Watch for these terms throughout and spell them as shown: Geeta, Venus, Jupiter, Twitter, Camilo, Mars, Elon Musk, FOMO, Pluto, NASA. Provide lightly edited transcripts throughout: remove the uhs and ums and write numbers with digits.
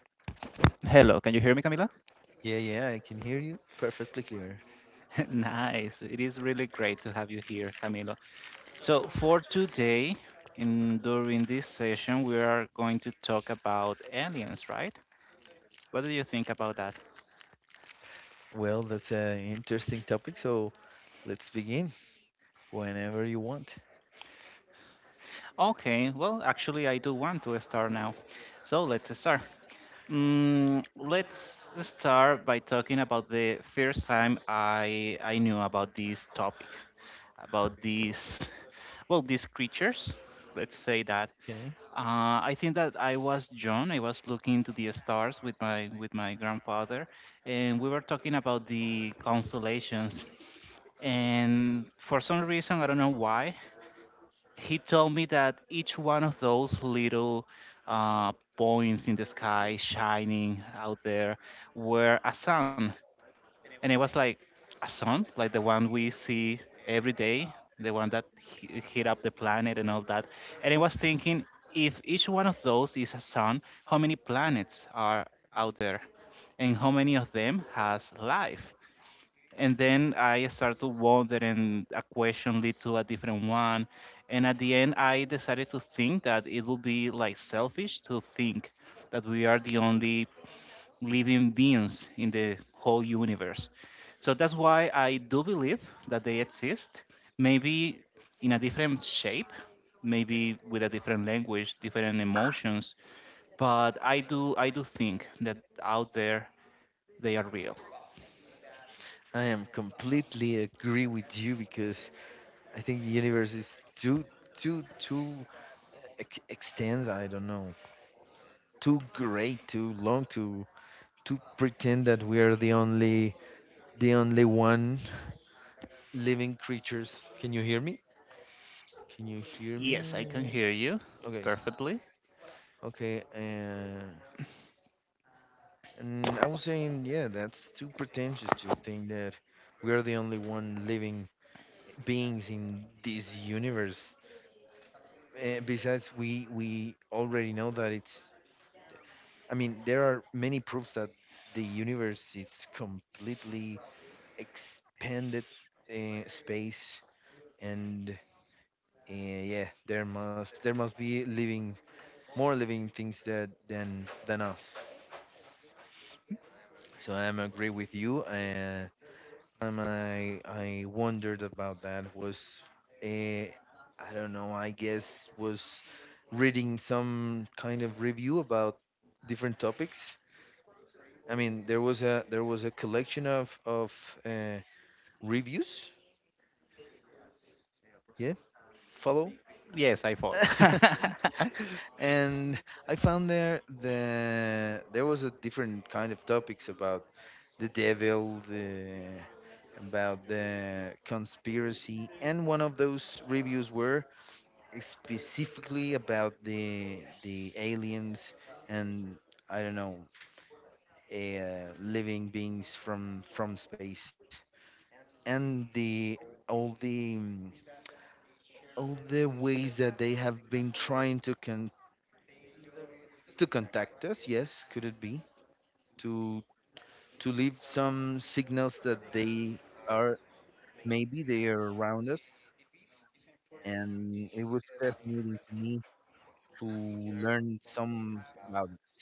Hello, can you hear me, Camila? Yeah, I can hear you perfectly clear. Nice. It is really great to have you here, Camilo. So, for today, in during this session, we are going to talk about aliens, right? What do you think about that? Well, that's an interesting topic, so let's begin whenever you want. Okay, well, actually, I do want to start now. So, let's start. Let's start by talking about the first time I knew about this topic, about these, these creatures. Let's say that. Okay. I think that I was young. I was looking to the stars with my grandfather, and we were talking about the constellations. And for some reason, I don't know why, he told me that each one of those little uh, points in the sky shining out there were a sun, and it was like a sun, like the one we see every day, the one that heat up the planet and all that. And I was thinking, if each one of those is a sun, how many planets are out there, and how many of them has life? And then I started to wonder, and a question lead to a different one. And at the end, I decided to think that it would be like selfish to think that we are the only living beings in the whole universe. So that's why I do believe that they exist, maybe in a different shape, maybe with a different language, different emotions, but I do think that out there they are real. I am completely agree with you because I think the universe is too too extends, I don't know, too great, too long to pretend that we are the only one living creatures. Can you hear me? Can you hear Yes, I can me? hear you Okay. perfectly. Okay. And I was saying, yeah, that's too pretentious to think that we are the only one living beings in this universe. Besides, we already know that it's. I mean, there are many proofs that the universe is completely expanded space, and yeah, there must be living more living things that than us. So I'm agree with you. Time I wondered about that was, eh, I don't know. I guess was reading some kind of review about different topics. I mean, there was a collection of uh, reviews. Yeah, follow. Yes, I follow. And I found there there was a different kind of topics about the devil, the about the conspiracy, and one of those reviews were specifically about the aliens and I don't know living beings from space and the all the all the ways that they have been trying to contact us. Yes, could it be to to leave some signals that they are maybe they are around us, and it was fascinating to me to learn some about it.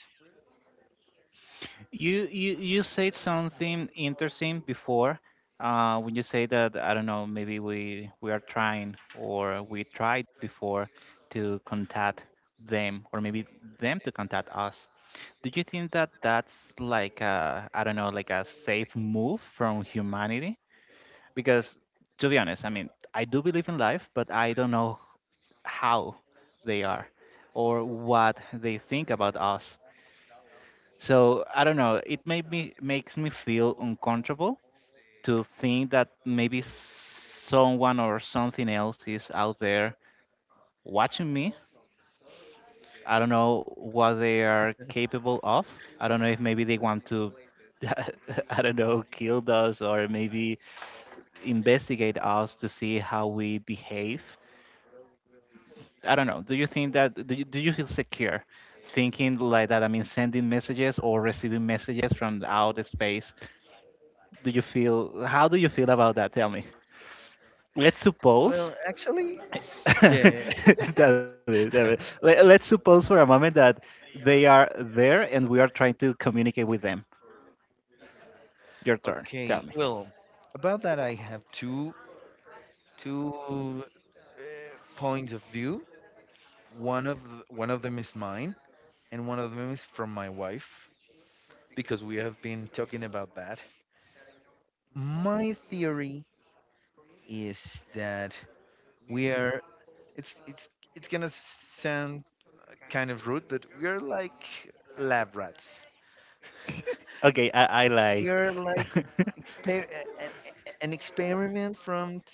You said something interesting before, when you say that I don't know maybe we are trying or we tried before to contact them, or maybe them to contact us. Do you think that that's like a, I don't know, like a safe move from humanity? Because to be honest, I mean, I do believe in life, but I don't know how they are or what they think about us. So I don't know. It made me makes me feel uncomfortable to think that maybe someone or something else is out there watching me. I don't know what they are capable of. I don't know if maybe they want to, I don't know, kill us or maybe investigate us to see how we behave. I don't know. Do you feel secure thinking like that? I mean, sending messages or receiving messages from the outer space, do you feel? How do you feel about that? Tell me. Let's Well, suppose. actually, yeah. Damn it, damn it. Let's suppose for a moment that they are there and we are trying to communicate with them. Your turn. Tell Okay, me. well, about that I have two points of view. One of them is mine, and one of them is from my wife because we have been talking about that. My theory is that we are. It's gonna sound kind of rude, but we are like lab rats. Okay, I like. We are like exper- eh, an, an experiment from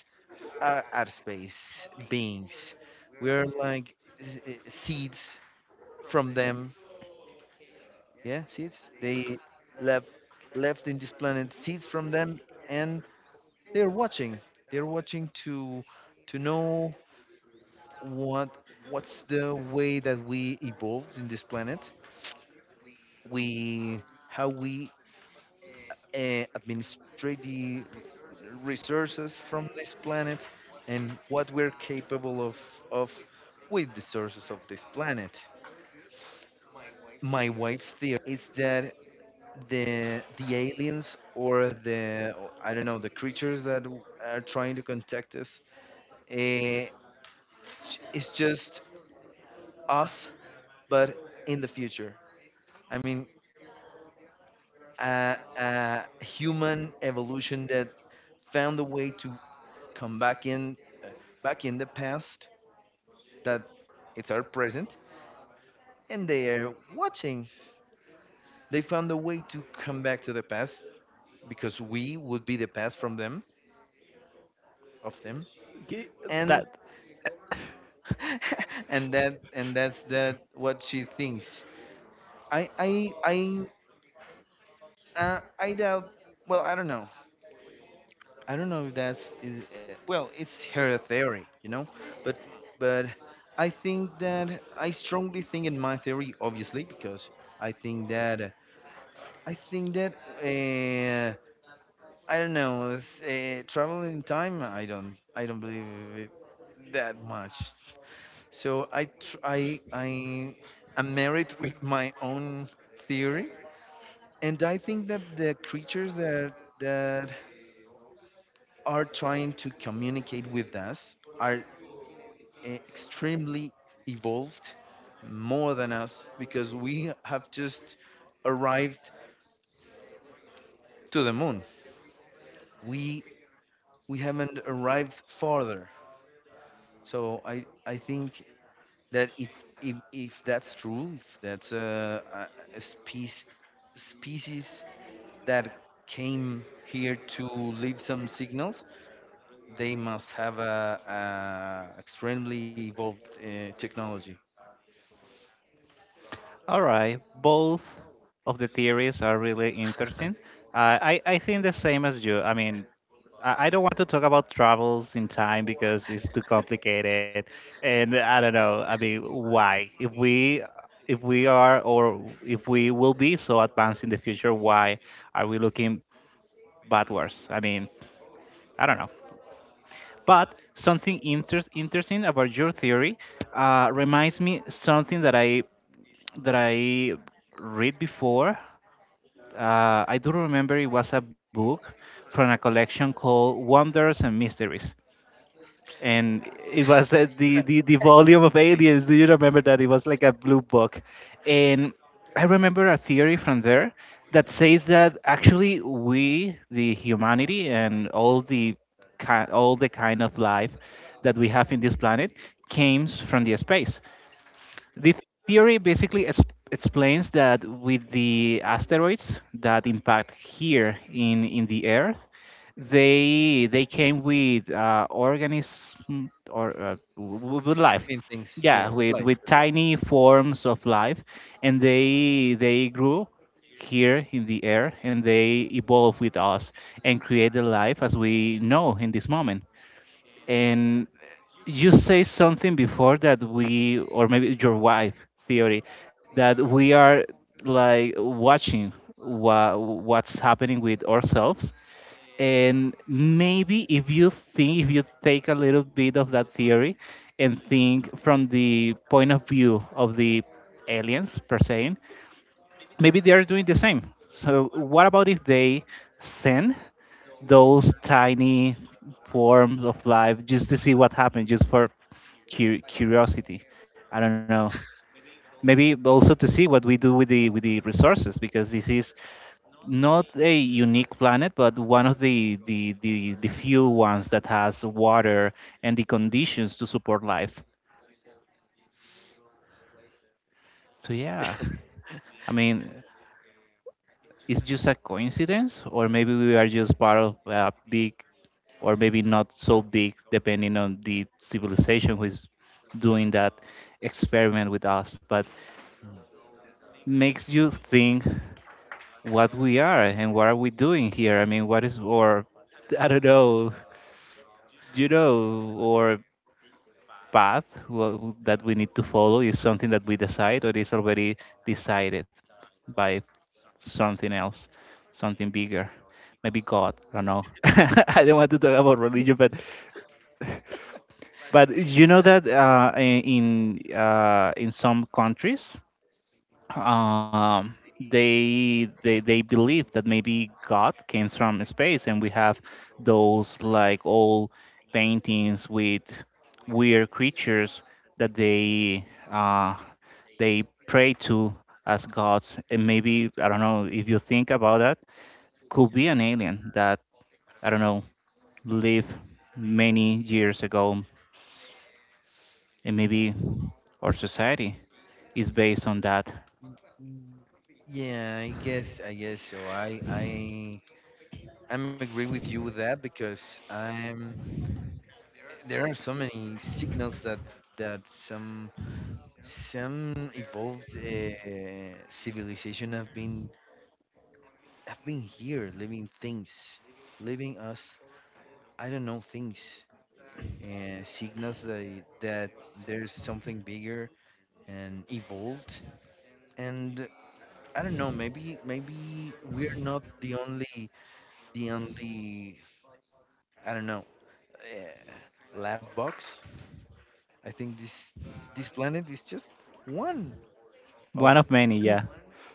are space beings. We are like seeds from them. Yeah, seeds. They left left in this planet seeds from them, and they're watching. They're watching to know what what's the way that we evolved in this planet. We how we administrative resources from this planet and what we're capable of with the sources of this planet. My wife's theory is that the aliens or the I don't know the creatures that are trying to contact us eh, it's just us but in the future. I mean a human evolution that found a way to come back in uh, back in the past that it's our present and they are watching. They found a way to come back to the past because we would be the past from them of them Ki- and that. and that and that's that what she thinks I I doubt well I don't know if that's is, well it's her theory you know but but I think that I strongly think in my theory obviously because i think that i think that eh, I don't know. It's, traveling time, I don't believe it that much. So I am married with my own theory, and I think that the creatures that are trying to communicate with us are extremely evolved, more than us, because we have just arrived to the moon. We we haven't arrived farther. So I think that if that's true, if that's a species that came here to leave some signals, they must have a extremely evolved technology. All right, both of the theories are really interesting. I think the same as you. I mean, I don't want to talk about travels in time because it's too complicated, and I don't know. I mean, why? If we are, or if we will be so advanced in the future, why are we looking backwards? I mean, I don't know. But something interesting about your theory reminds me something that I read before. I do remember it was a book from a collection called Wonders and Mysteries, and it was I the volume of the same aliens. Do you remember that? It was like a blue book, and I remember a theory from there that says that actually we, the humanity, and all the all the kind of life that we have in this planet comes from the space. The theory basically explains that with the asteroids that impact here in the Earth, they came with organism, or with life, living things, yeah, yeah, with life, with with life. tiny forms of life, and they grew here in the air and they evolve with us and create the life as we know in this moment. And you say something before that we, or maybe your wife theory, that we are like watching what's happening with ourselves. And maybe if you think, if you take a little bit of that theory and think from the point of view of the aliens per se, maybe they are doing the same. So what about if they send those tiny forms of life just to see what happens, just for curiosity? I don't know. Maybe also to see what we do with the resources, because this is not a unique planet, but one of the few ones that has water and the conditions to support life. So yeah, I mean, it's just a coincidence, or maybe we are just part of a big, or maybe not so big, depending on the civilization who is doing that experiment with us. But Mhm. makes you think what we are and what are we doing here. I mean, what is our, I don't know, you know, or path that we need to follow, is something that we decide, or is already decided by something else, something bigger. Maybe God. I don't know. I don't want to talk about religion, Ye- but you know that in some countries, they believe that maybe God came from space, and we have those like old paintings with weird creatures that uh, they pray to as gods. And maybe, I don't know, if you think about that, could be an alien that, I don't know, lived many years ago, and maybe our society is based on that. mm, Yeah, I guess so. I'm agree with you with that because I'm. There are so many signals that that some evolved civilization have been here, living things, living us. I don't know things, signals that there's something bigger and evolved. And I don't know. Maybe we're not the only the only I don't know uh, lab box. I think this planet is just one One of of many, yeah.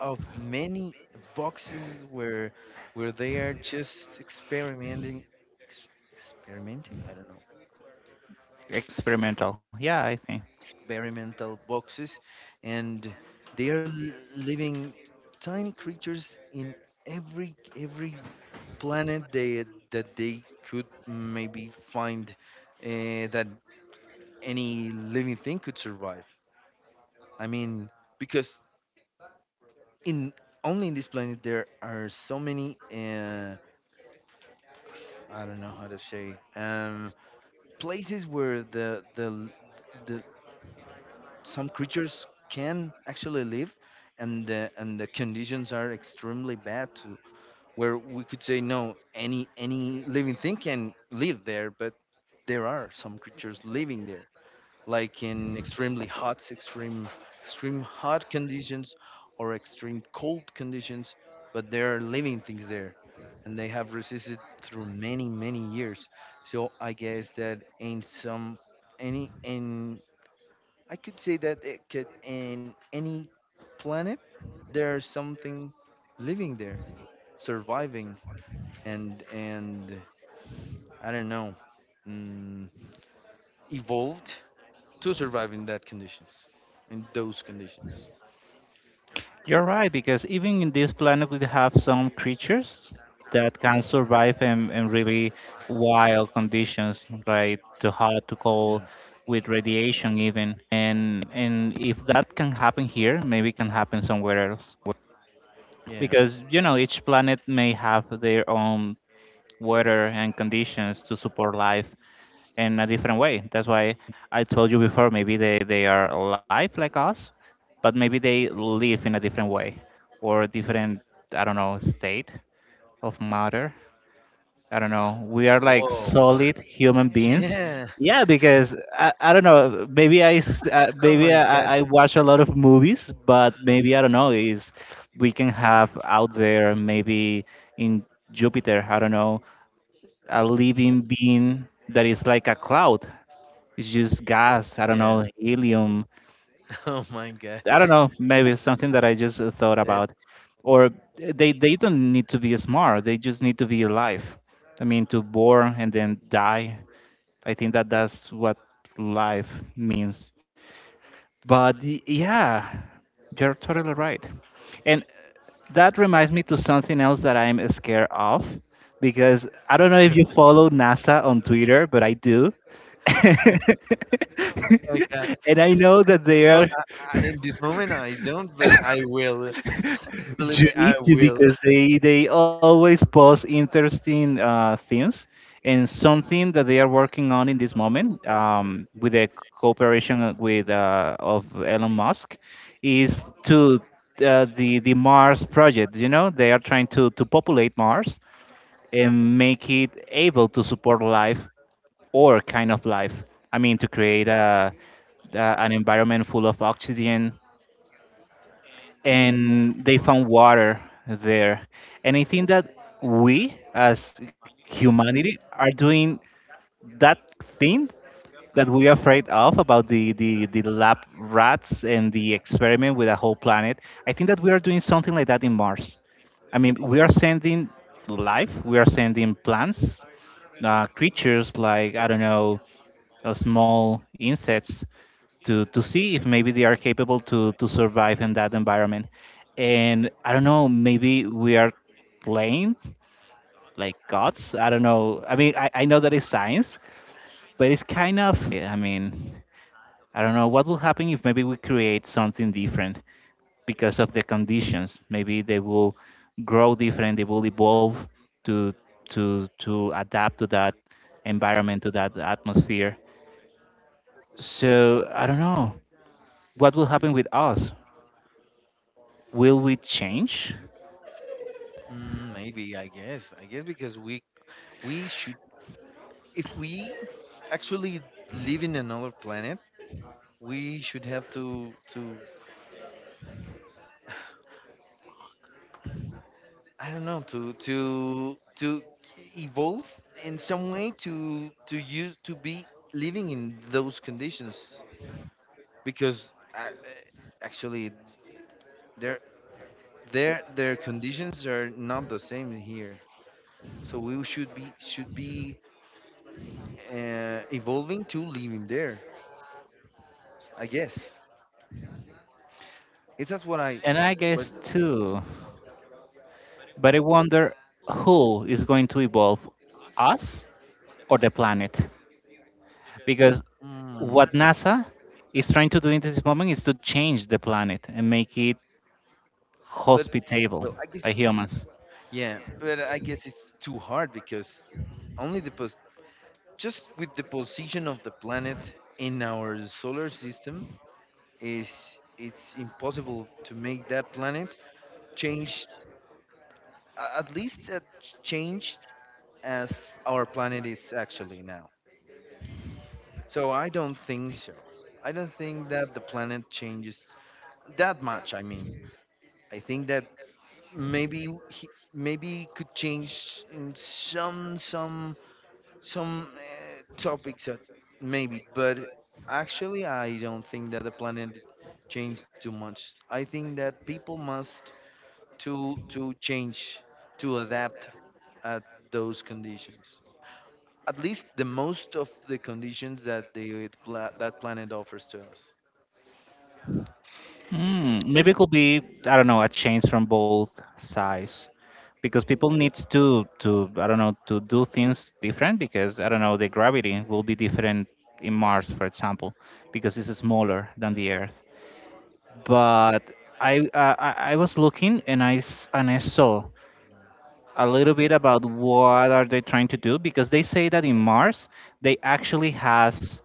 of many boxes where they are just experimenting experimenting I don't know Experimental, yeah, I think experimental boxes and they are living tiny creatures in every every planet they that they could maybe find that any living thing could survive I mean because in only in this planet there are so many I don't know how to say places where the some creatures can actually live, and the conditions are extremely bad to where we could say no any living thing can live there, but there are some creatures living there like in extremely hot, extreme, extreme hot conditions or extreme cold conditions, but there are living things there, and they have resisted through many, many years. So I guess that in some, any, in, I could say that it could, in any planet, there's something living there, surviving and I don't know, mm, evolved to survive in that conditions, in those conditions. you're right, because even in this planet we have some creatures that can survive in really wild conditions, right? Too hot, too cold, with radiation even, and if that can happen here, maybe it can happen somewhere else. Yeah. Because you know each planet may have their own weather and conditions to support life in a different way. That's why I told you before, maybe they are alive like us, but maybe they live in a different way, or different, I don't know, state of matter. I don't know. We are like Whoa. solid human beings. Yeah. Yeah, because I don't know. Oh my Maybe god. I watch a lot of movies, but maybe I don't know. Is we can have out there maybe in Jupiter, I don't know, a living being that is like a cloud. It's just gas. I don't Yeah. know, helium. Oh my god. I don't know. Maybe it's something that I just thought That. about. Or they don't need to be smart. They just need to be alive. I mean, to born and then die. I think that that's what life means. But yeah, you're totally right. And that reminds me to something else that I'm scared of, because I don't know if you follow NASA on Twitter, but I do. Oh my god. And I know that they No, are I, I, in this moment I don't, but I will. Believe You me, I need to, will. because they always post interesting things. And something that they are working on in this moment, with the cooperation with of Elon Musk, is to the Mars project. You know they are trying to populate Mars and make it able to support life, or kind of life. I mean, to create a an environment full of oxygen, and they found water there. And I think that we as humanity are doing that thing that we are afraid of, about the lab rats and the experiment with a whole planet. I think that we are doing something like that in Mars. I mean, we are sending life, we are sending plants, creatures like, I don't know, small insects, to see if maybe they are capable to survive in that environment. And I don't know, maybe we are playing like gods. I don't know. I mean, I know that it's science, but it's kind of. I mean, I don't know what will happen if maybe we create something different because of the conditions. Maybe they will grow different. They will evolve to to adapt to that environment, to that atmosphere. So I don't know what will happen with us. Will we change? Mm, maybe. I guess. I guess because we should if we actually live in another planet, we should have to I don't know to evolve in some way to use to be living in those conditions because I, actually their their conditions are not the same here. So we should be evolving to living there. I guess it's that's what I And I was, but guess too. But I wonder, who is going to evolve us, or the planet? Because mm, what NASA is trying to do in this moment is to change the planet and make it but well, hospitable I by guess humans. yeah, but I guess it's too hard because only the pos just with the position of the planet in our solar system is it's impossible to make that planet change a- at least a change as our planet is actually now so I don't think so I don't think that the planet changes that much I mean I think that maybe he, maybe it could change in some topics that maybe, but actually, I don't think that the planet changed too much. I think that people must to change to adapt at those conditions. At least the most of the conditions that the pla- that planet offers to us. Mm, There's maybe it could be, I don't know, a change from both sides, because people needs to, I don't know, to do things different, because I don't know, the gravity will be different in Mars, for example, because it's smaller than the Earth. But I was looking and I saw a little bit about what are they trying to do, because they say that in Mars they actually has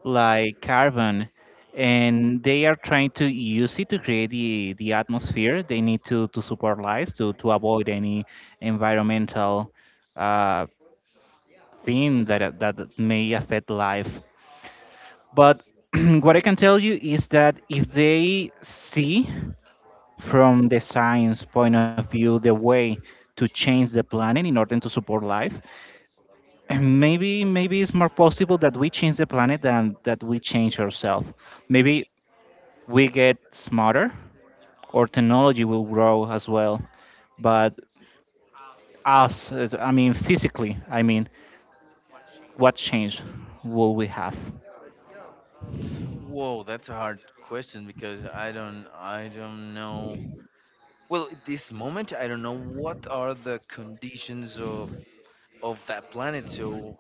like carbon, and they are trying to use it to create the atmosphere they need to support lives to avoid any environmental uh, thing that may affect life. But what I can tell you is that if they see from the science point of view the way to change the planet in order to support life. And maybe it's more possible that we change the planet than that we change ourselves. Maybe we get smarter, or technology will grow as well. But I mean physically, I mean, what change will we have? Whoa, that's a hard question because I don't know. Well, at this moment, I don't know what are the conditions of that planet. So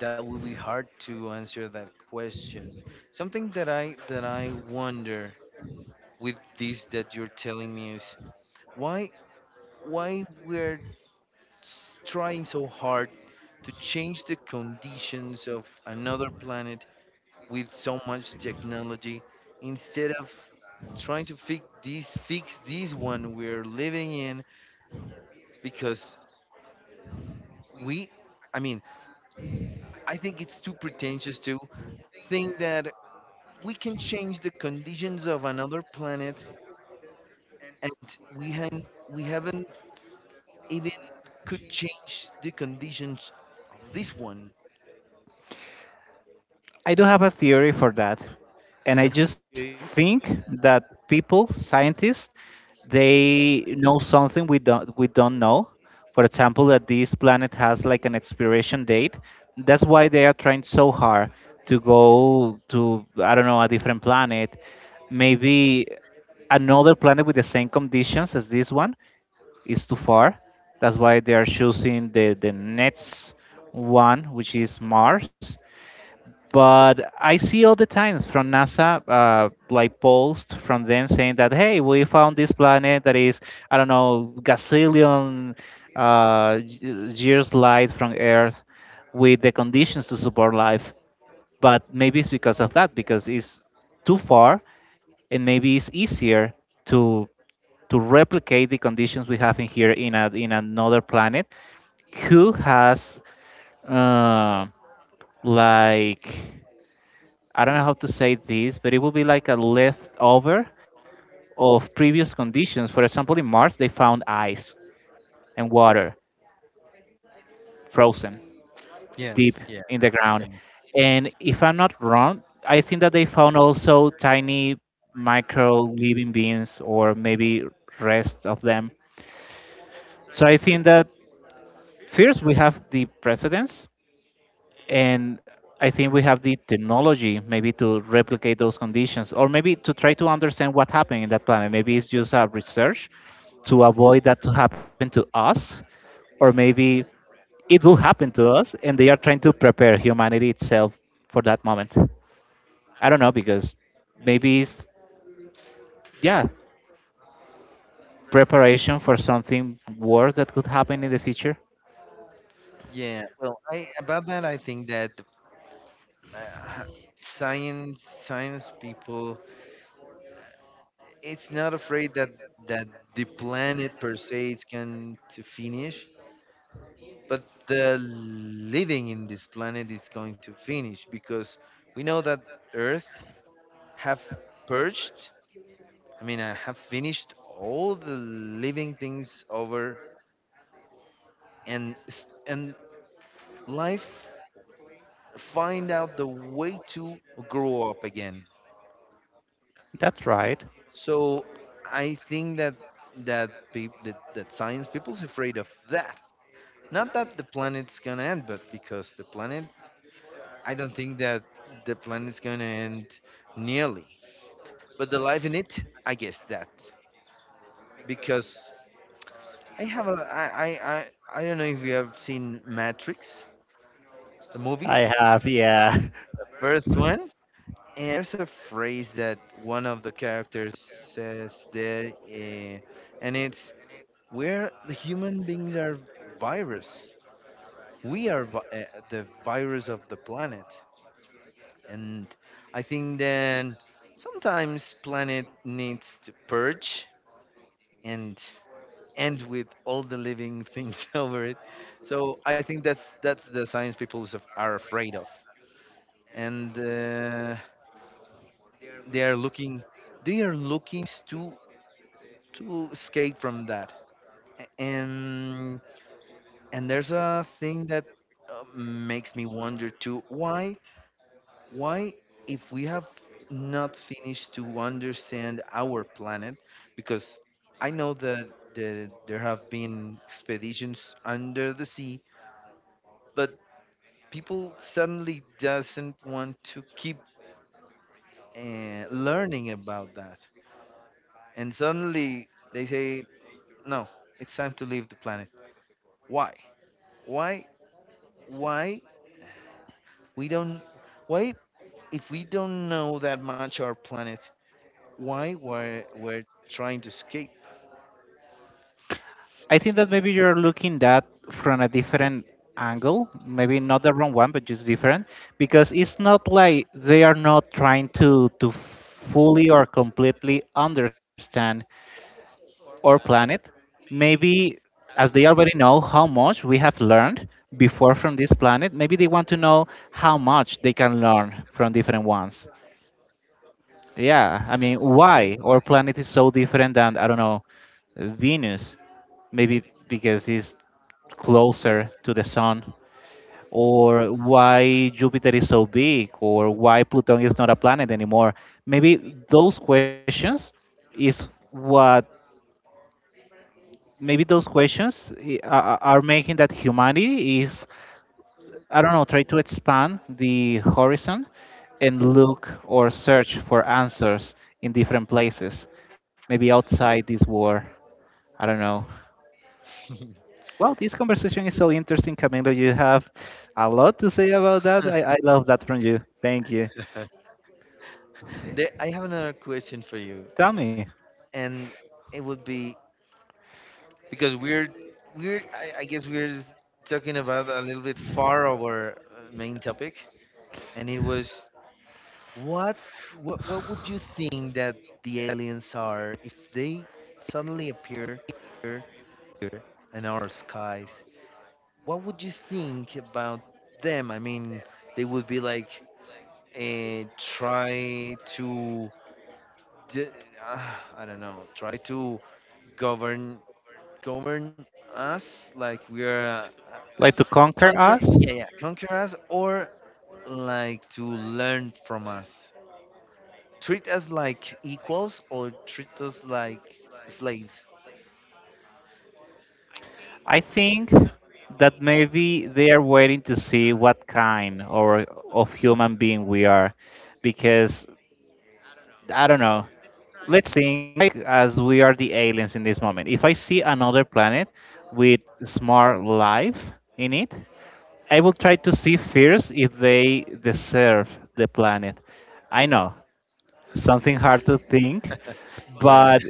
that will be hard to answer that question. Something that I wonder with this that you're telling me is why why we're s- trying so hard to change the conditions of another planet with so much technology instead of trying to fix this one we're living in because we I mean I think it's too pretentious to think that we can change the conditions of another planet, and we we haven't even could change the conditions of this one. I do have a theory for that. And I just okay. think that people, scientists, they know something we don't know. For example, that this planet has like an expiration date. That's why they are trying so hard to go to, I don't know, a different planet. Maybe another planet with the same conditions as this one is too far. That's why they are choosing the next one, which is Mars. But I see all the times from NASA, like posts from them saying that, hey, we found this planet that is, I don't know, gazillion years light from Earth with the conditions to support life. But maybe it's because of that, because it's too far, and maybe it's easier to replicate the conditions we have in here in in another planet, who has uh, like, I don't know how to say this, but it will be like a leftover of previous conditions. For example, in Mars, they found ice and water frozen Yeah, deep yeah, in the okay. ground. And if I'm not wrong, I think that they found also tiny micro living beings, or maybe rest of them. So I think that first we have the precedents, and I think we have the technology maybe to replicate those conditions, or maybe to try to understand what happened in that planet. Maybe it's just a research to avoid that to happen to us, or maybe it will happen to us, and they are trying to prepare humanity itself for that moment. I don't know, because maybe it's, yeah, preparation for something worse that could happen in the future. Yeah. Well, I about that I think that uh, science people it's not afraid that that the planet per se is going to finish, but the living in this planet is going to finish because we know that Earth. Have purged, I mean, I have finished all the living things over and and life find out the way to grow up again. That's right. So I think that that science people's afraid of that. Not that the planet's gonna end, but because the planet, I don't think that the planet's gonna end nearly. But the life in it, I guess that because I have a I don't know if you have seen Matrix, the movie, I have, yeah. the first one. And there's a phrase that one of the characters says there, and it's "We're the human beings are virus. We are the virus of the planet." And I think then sometimes planet needs to purge and and with all the living things over it. So I think that's the science people are afraid of, and they are looking they are looking to escape from that. A- And and there's a thing that makes me wonder too. Why if we have not finished to understand our planet because I know that there have been expeditions under the sea, but people suddenly doesn't want to keep learning about that and suddenly they say no it's time to leave the planet why why why we don't why if we don't know that much our planet why we're trying to escape I think that maybe you're looking that from a different angle, maybe not the wrong one, but just different, because it's not like they are not trying to fully or completely understand our planet. Maybe as they already know how much we have learned before from this planet, maybe they want to know how much they can learn from different ones. Yeah, I mean, Okay. why our planet is so different than, I don't know, Venus? Maybe because it's closer to the sun, or why Jupiter is so big, or why Pluto is not a planet anymore. Maybe those questions is what, maybe those questions are making that humanity is, I don't know, try to expand the horizon and look or search for answers in different places, maybe outside this war. I don't know. Well, this conversation is so interesting, Camilo. You have a lot to say about that. I, I love that from you. Thank you. there, I have another question for you Tell me, and it would be because I guess we're talking about a little bit far over main topic and it was what what would you think that the aliens are if they suddenly appear in our skies? What would you think about them? I mean, they would be like try to d- uh, I don't know, try to govern govern us like we are like to conquer conquer us? yeah yeah conquer us or like to learn from us, treat us like equals or treat us like slaves. I think that maybe they are waiting to see what kind or of human being we are, because I don't know. Let's think as we are the aliens in this moment. If I see another planet with smart life in it, I will try to see first if they deserve the planet. I know something hard to think, Yeah, but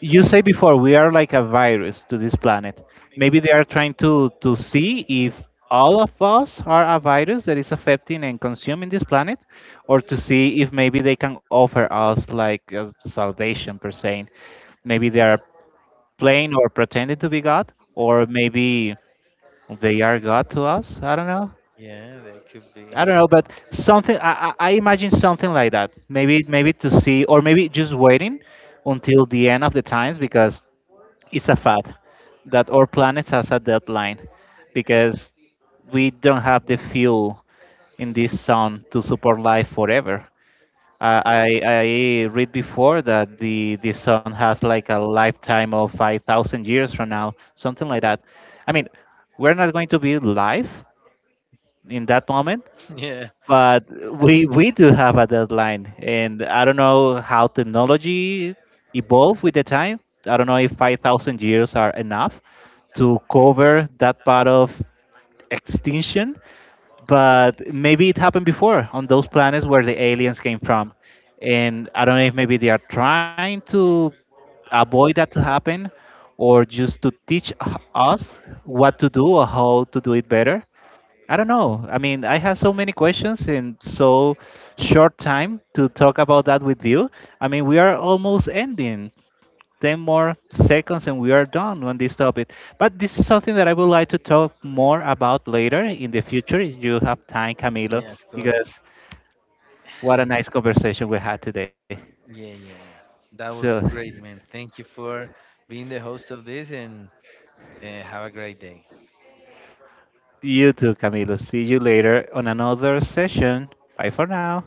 you say before we are like a virus to this planet. Maybe they are trying to see if all of us are a virus that is affecting and consuming this planet, or to see if maybe they can offer us like a salvation per se. Maybe they are playing or pretending to be God, or maybe they are God to us. I don't know. yeah, that could be. I don't know, but something I imagine something like that. Maybe to see, or maybe just waiting until the end of the times, because it's a fact that our planet has a deadline, because we don't have the fuel in this sun to support life forever. I read before that the sun has like a lifetime of 5,000 years from now, something like that. I mean, we're not going to be live in that moment, Yeah, but we do have a deadline, and I don't know how technology evolved with the time. I don't know if 5000 years are enough to cover that part of extinction, but maybe it happened before on those planets where the aliens came from. And I don't know if maybe they are trying to avoid that to happen, or just to teach us what to do or how to do it better. I don't know. I mean, I have so many questions in so short time to talk about that with you. I mean, we are almost ending. 10 more seconds and we are done on this topic. But this is something that I would like to talk more about later in the future if you have time, Camilo, yeah, of course. because what a nice conversation we had today. Yeah, yeah. That So, was great, man. Thank you for being the host of this and have a great day. you too, Camilo. See you later on another session. Bye for now.